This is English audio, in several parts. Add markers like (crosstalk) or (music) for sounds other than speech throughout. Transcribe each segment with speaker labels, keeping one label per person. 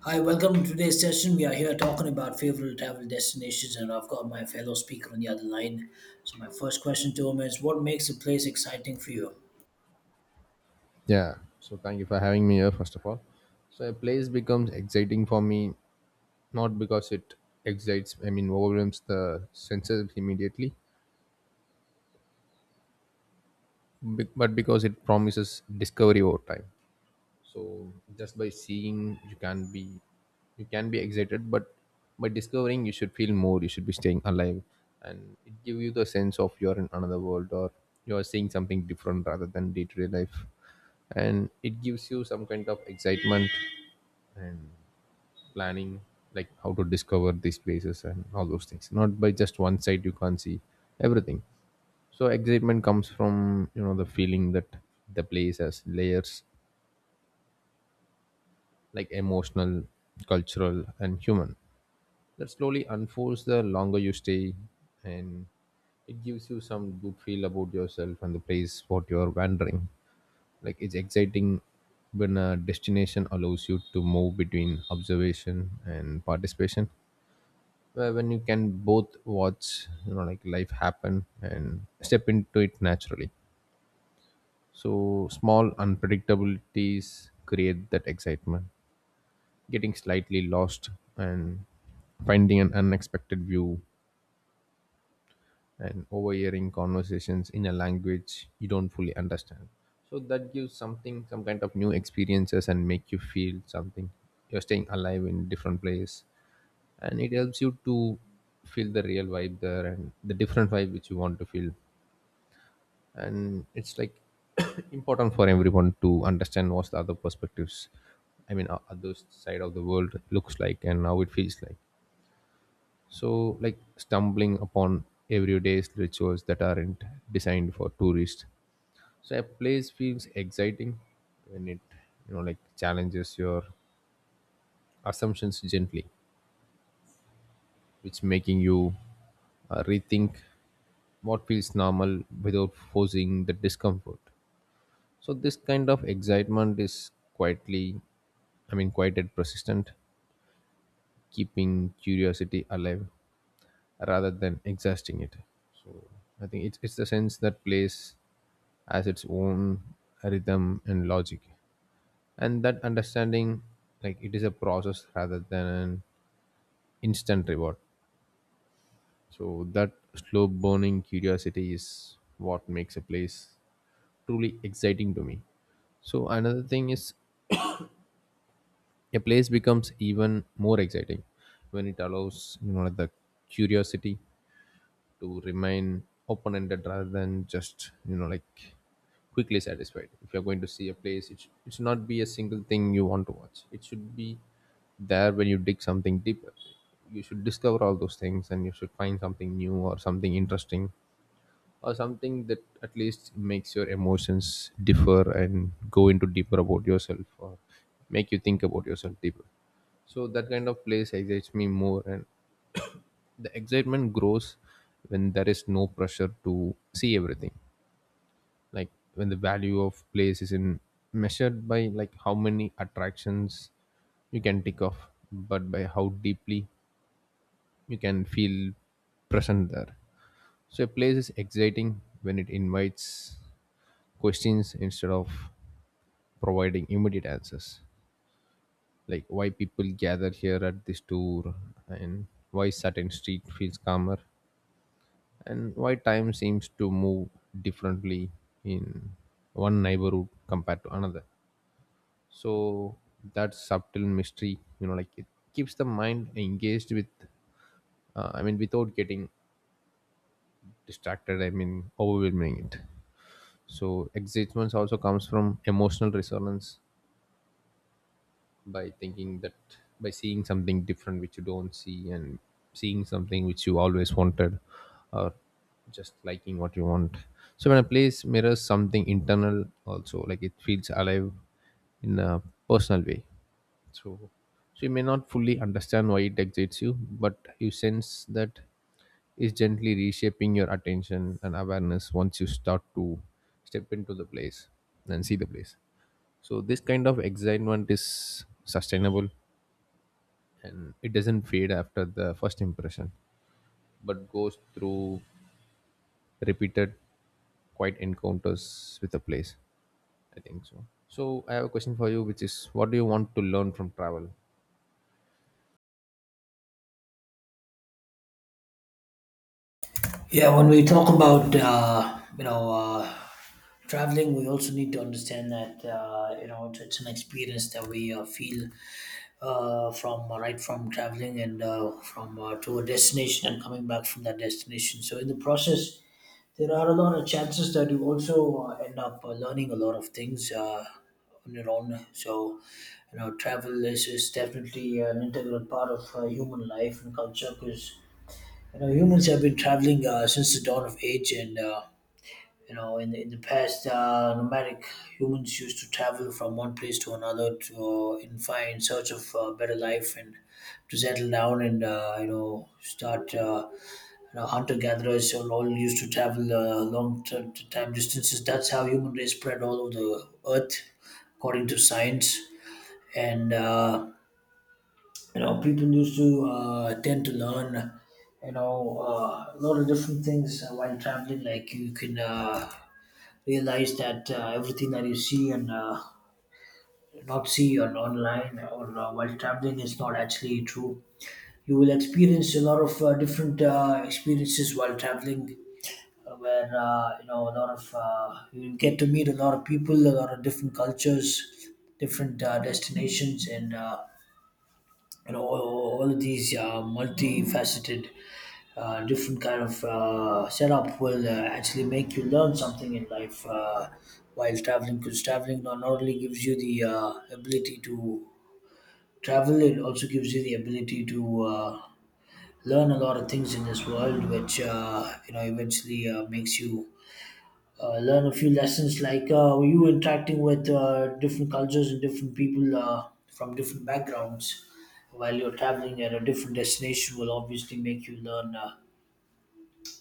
Speaker 1: Hi, welcome to today's session. We are here talking about favorite travel destinations, and I've got my fellow speaker on the other line. So, my first question to him is, what makes a place exciting for you?
Speaker 2: Yeah. So thank you for having me here, first of all. So a place becomes exciting for me not because it overwhelms the senses immediately, but because it promises discovery over time. So just by seeing, you can be excited, but by discovering, you should feel more. You should be staying alive, and it gives you the sense of you're in another world or you are seeing something different rather than day to day life, and it gives you some kind of excitement and planning like how to discover these places and all those things not by just one side you can't see everything. So excitement comes from the feeling that the place has layers like emotional, cultural and human that slowly unfolds the longer you stay, and it gives you some good feel about yourself and the place what you're wandering. Like it's exciting when a destination allows you to move between observation and participation, where when you can both watch like life happen and step into it naturally. So small unpredictabilities create that excitement, getting slightly lost and finding an unexpected view and overhearing conversations in a language you don't fully understand. So that gives something, some kind of new experiences, and make you feel something. You're staying alive in different place, and it helps you to feel the real vibe there and the different vibe which you want to feel. And it's like (coughs) (clears throat) important for everyone to understand what's the other perspectives, I mean other side of the world looks like and how it feels like. So like stumbling upon everyday rituals that aren't designed for tourists. So a place feels exciting when it like challenges your assumptions gently, which making you rethink what feels normal without forcing the discomfort. So this kind of excitement is quite and persistent, keeping curiosity alive rather than exhausting it. I think it's the sense that plays as its own rhythm and logic, and that understanding, like it is a process rather than an instant reward. So that slow burning curiosity is what makes a place truly exciting to me. So another thing is, a place becomes even more exciting when it allows like the curiosity to remain open ended rather than just like quickly satisfied. If you're going to see a place, it should not be a single thing you want to watch. It should be there when you dig something deeper. You should discover all those things and you should find something new or something interesting or something that at least makes your emotions differ and go into deeper about yourself or make you think about yourself deeper. So that kind of place excites me more, and the excitement grows when there is no pressure to see everything, like when the value of place isn't measured by like how many attractions you can tick off but by how deeply you can feel present there. So a place is exciting when it invites questions instead of providing immediate answers, like why people gather here at this tour and why certain street feels calmer and why time seems to move differently in one neighborhood compared to another. So that subtle mystery, like it keeps the mind engaged with without getting distracted I mean overwhelming it. So excitement also comes from emotional resonance, by thinking that, by seeing something different which you don't see and seeing something which you always wanted, or just liking what you want. So when a place mirrors something internal also, like it feels alive in a personal way. So you may not fully understand why it excites you, but you sense that is gently reshaping your attention and awareness once you start to step into the place and see the place. So this kind of excitement is sustainable, and it doesn't fade after the first impression but goes through repeated quiet encounters with a place, I think. So I have a question for you, which is what do you want to learn from travel?
Speaker 1: Yeah, when we talk about you know traveling, we also need to understand that you know it's an experience that we feel from right from traveling and from to a destination and coming back from that destination. So, in the process, there are a lot of chances that you also end up learning a lot of things on your own. So, you know, travel is definitely an integral part of human life and culture because, you know, humans have been traveling since the dawn of age. And, in the past, nomadic humans used to travel from one place to another to in search of better life and to settle down and hunter gatherers all used to travel long time distances. That's how human race spread all over the earth, according to science. And you know, people used to tend to learn, you know, a lot of different things while traveling. Like you can realize that everything that you see and not see on online or while traveling is not actually true. You will experience a lot of different experiences while traveling where you know a lot of you get to meet a lot of people, a lot of different cultures, different destinations, and you know all of these multifaceted, different kind of setup will actually make you learn something in life while traveling. Because traveling not only gives you the ability to travel, it also gives you the ability to. Learn a lot of things in this world which you know eventually makes you learn a few lessons, like you interacting with different cultures and different people from different backgrounds while you're traveling at a different destination will obviously make you learn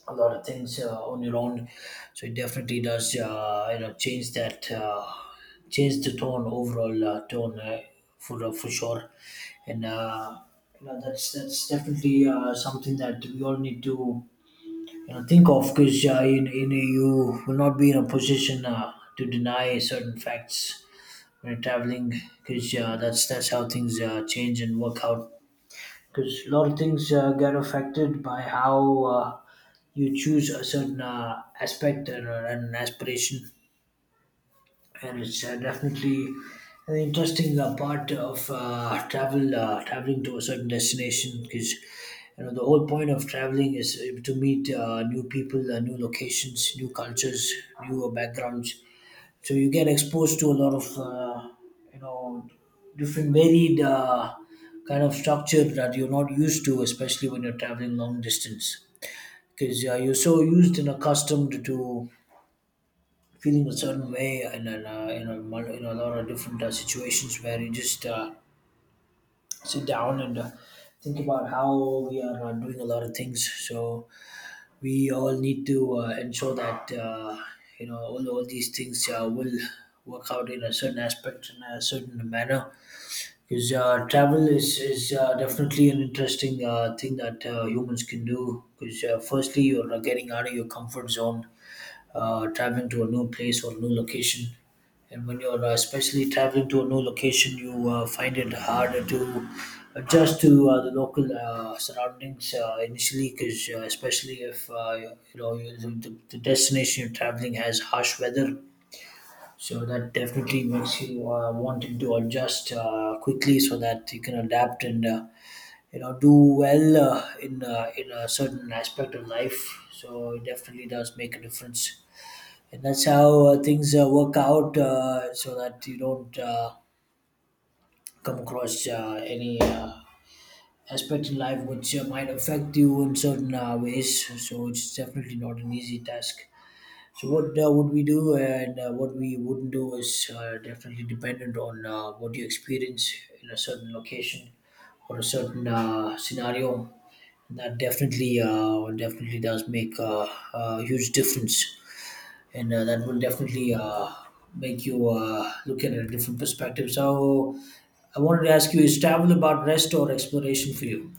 Speaker 1: a lot of things on your own. So it definitely does you know change that change the tone overall tone for sure. And you know, that's definitely something that we all need to you know think of, because you know you will not be in a position to deny certain facts when you're traveling, because that's how things change and work out, because a lot of things get affected by how you choose a certain aspect and and an aspiration. And it's definitely an interesting part of traveling to a certain destination, because you know the whole point of traveling is to meet new people, new locations, new cultures, new backgrounds. So you get exposed to a lot of you know different varied kind of structure that you're not used to, especially when you're traveling long distance, because you're so used and accustomed to feeling a certain way, and then you know in a lot of different situations where you just sit down and think about how we are doing a lot of things. So we all need to ensure that you know all these things will work out in a certain aspect in a certain manner, because travel is definitely an interesting thing that humans can do. Because firstly, you're getting out of your comfort zone, traveling to a new place or new location. And when you're especially traveling to a new location, you find it harder to adjust to the local surroundings initially, because especially if you know the destination you're traveling has harsh weather, so that definitely makes you wanting to adjust quickly so that you can adapt and you know do well in in a certain aspect of life. So it definitely does make a difference, and that's how things work out. So that you don't come across any aspect in life which might affect you in certain ways. So it's definitely not an easy task. So what would we do and what we wouldn't do is definitely dependent on what you experience in a certain location or a certain scenario. And that definitely does make a huge difference, and that will definitely make you look at it a different perspective. So I wanted to ask you: is travel about rest or exploration for you?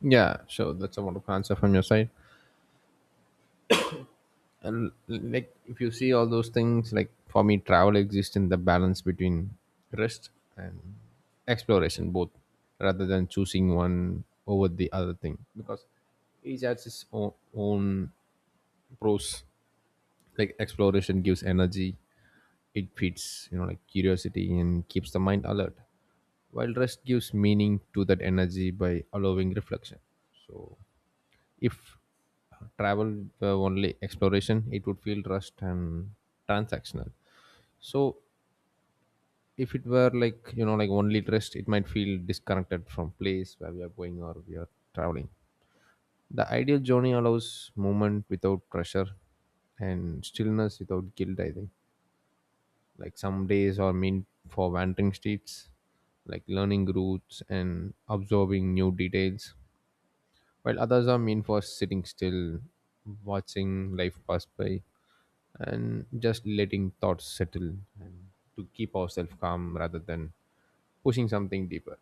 Speaker 2: Yeah, sure. That's a wonderful answer from your side. And like if you see all those things, like for me travel exists in the balance between rest and exploration both, rather than choosing one over the other thing, because each has its own pros. Like exploration gives energy, it feeds like curiosity and keeps the mind alert, while rest gives meaning to that energy by allowing reflection. So if travel were only exploration, it would feel rushed and transactional. So if it were like like only rest, it might feel disconnected from place where we are going or we are traveling. The ideal journey allows movement without pressure and stillness without guilt, I think. Like some days are meant for wandering streets, like learning routes and absorbing new details, while others are meant for sitting still, watching life pass by, and just letting thoughts settle and to keep ourselves calm rather than pushing something deeper.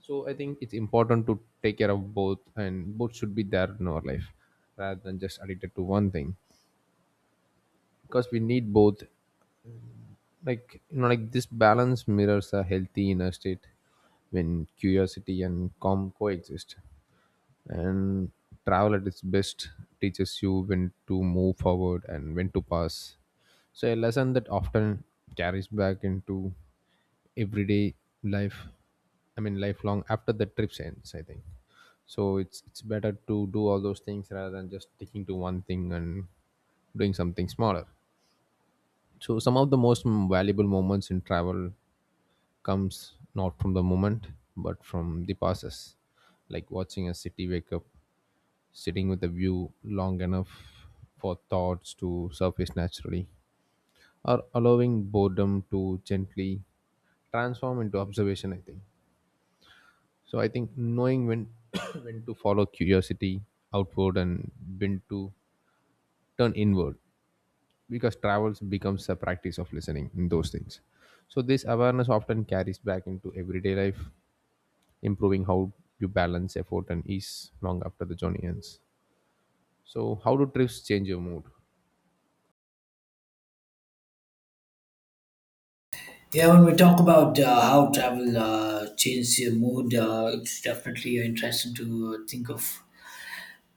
Speaker 2: So I think it's important to take care of both, and both should be there in our life rather than just addicted to one thing, because we need both. Like like this balance mirrors a healthy inner state when curiosity and calm coexist. And travel at its best teaches you when to move forward and when to pass. So a lesson that often carries back into everyday life, I mean lifelong after the trip ends, I think. So it's better to do all those things rather than just sticking to one thing and doing something smaller. So some of the most valuable moments in travel comes not from the moment but from the passes, like watching a city wake up, sitting with the view long enough for thoughts to surface naturally, or allowing boredom to gently transform into observation, I think. So I think knowing when (coughs) when to follow curiosity outward and when to turn inward, because travels becomes a practice of listening in those things. So this awareness often carries back into everyday life, improving how you balance effort and ease long after the journey ends. So, how do trips change your mood?
Speaker 1: Yeah, when we talk about how travel changes your mood, it's definitely interesting to think of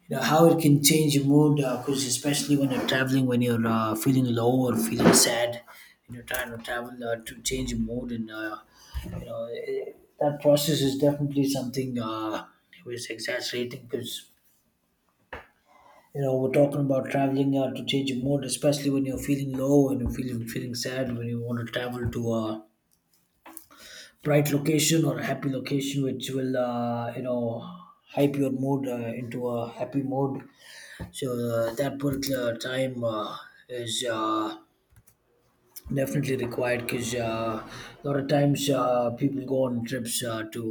Speaker 1: you know, how it can change your mood. Because especially when you're traveling, when you're feeling low or feeling sad, you are trying to travel to change your mood, and you know, that process is definitely something was exaggerating, because you know we're talking about traveling to change your mood, especially when you're feeling low and you're feeling sad when you want to travel to. Bright location or a happy location which will you know hype your mood into a happy mode. So that particular time is definitely required, because a lot of times people go on trips to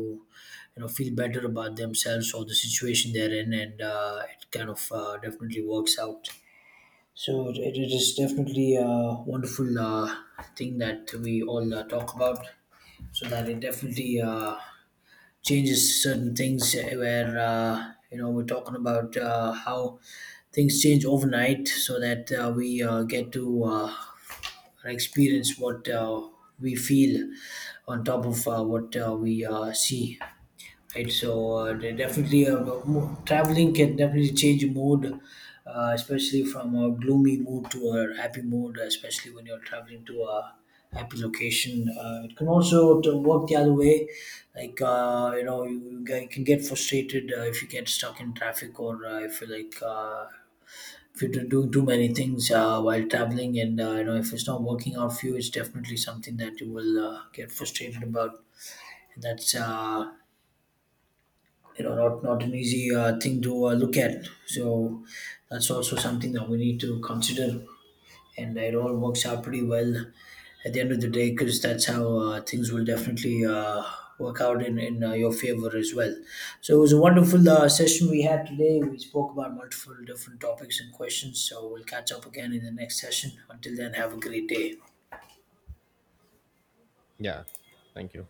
Speaker 1: you know feel better about themselves or the situation they're in, and it kind of definitely works out. So it is definitely a wonderful thing that we all talk about. So that it definitely changes certain things where you know we're talking about how things change overnight, so that we get to experience what we feel on top of what we see, right? So traveling can definitely change your mood, especially from a gloomy mood to a happy mood, especially when you're traveling to a happy location. It can also to work the other way, like you can get frustrated if you get stuck in traffic or if you like. If you're doing too many things while traveling, and you know if it's not working out for you, it's definitely something that you will get frustrated about. And that's you know not an easy thing to look at. So that's also something that we need to consider, and it all works out pretty well at the end of the day, because that's how things will definitely work out in your favor as well. So it was a wonderful session we had today. We spoke about multiple different topics and questions, so we'll catch up again in the next session. Until then, have a great day.
Speaker 2: Yeah, thank you.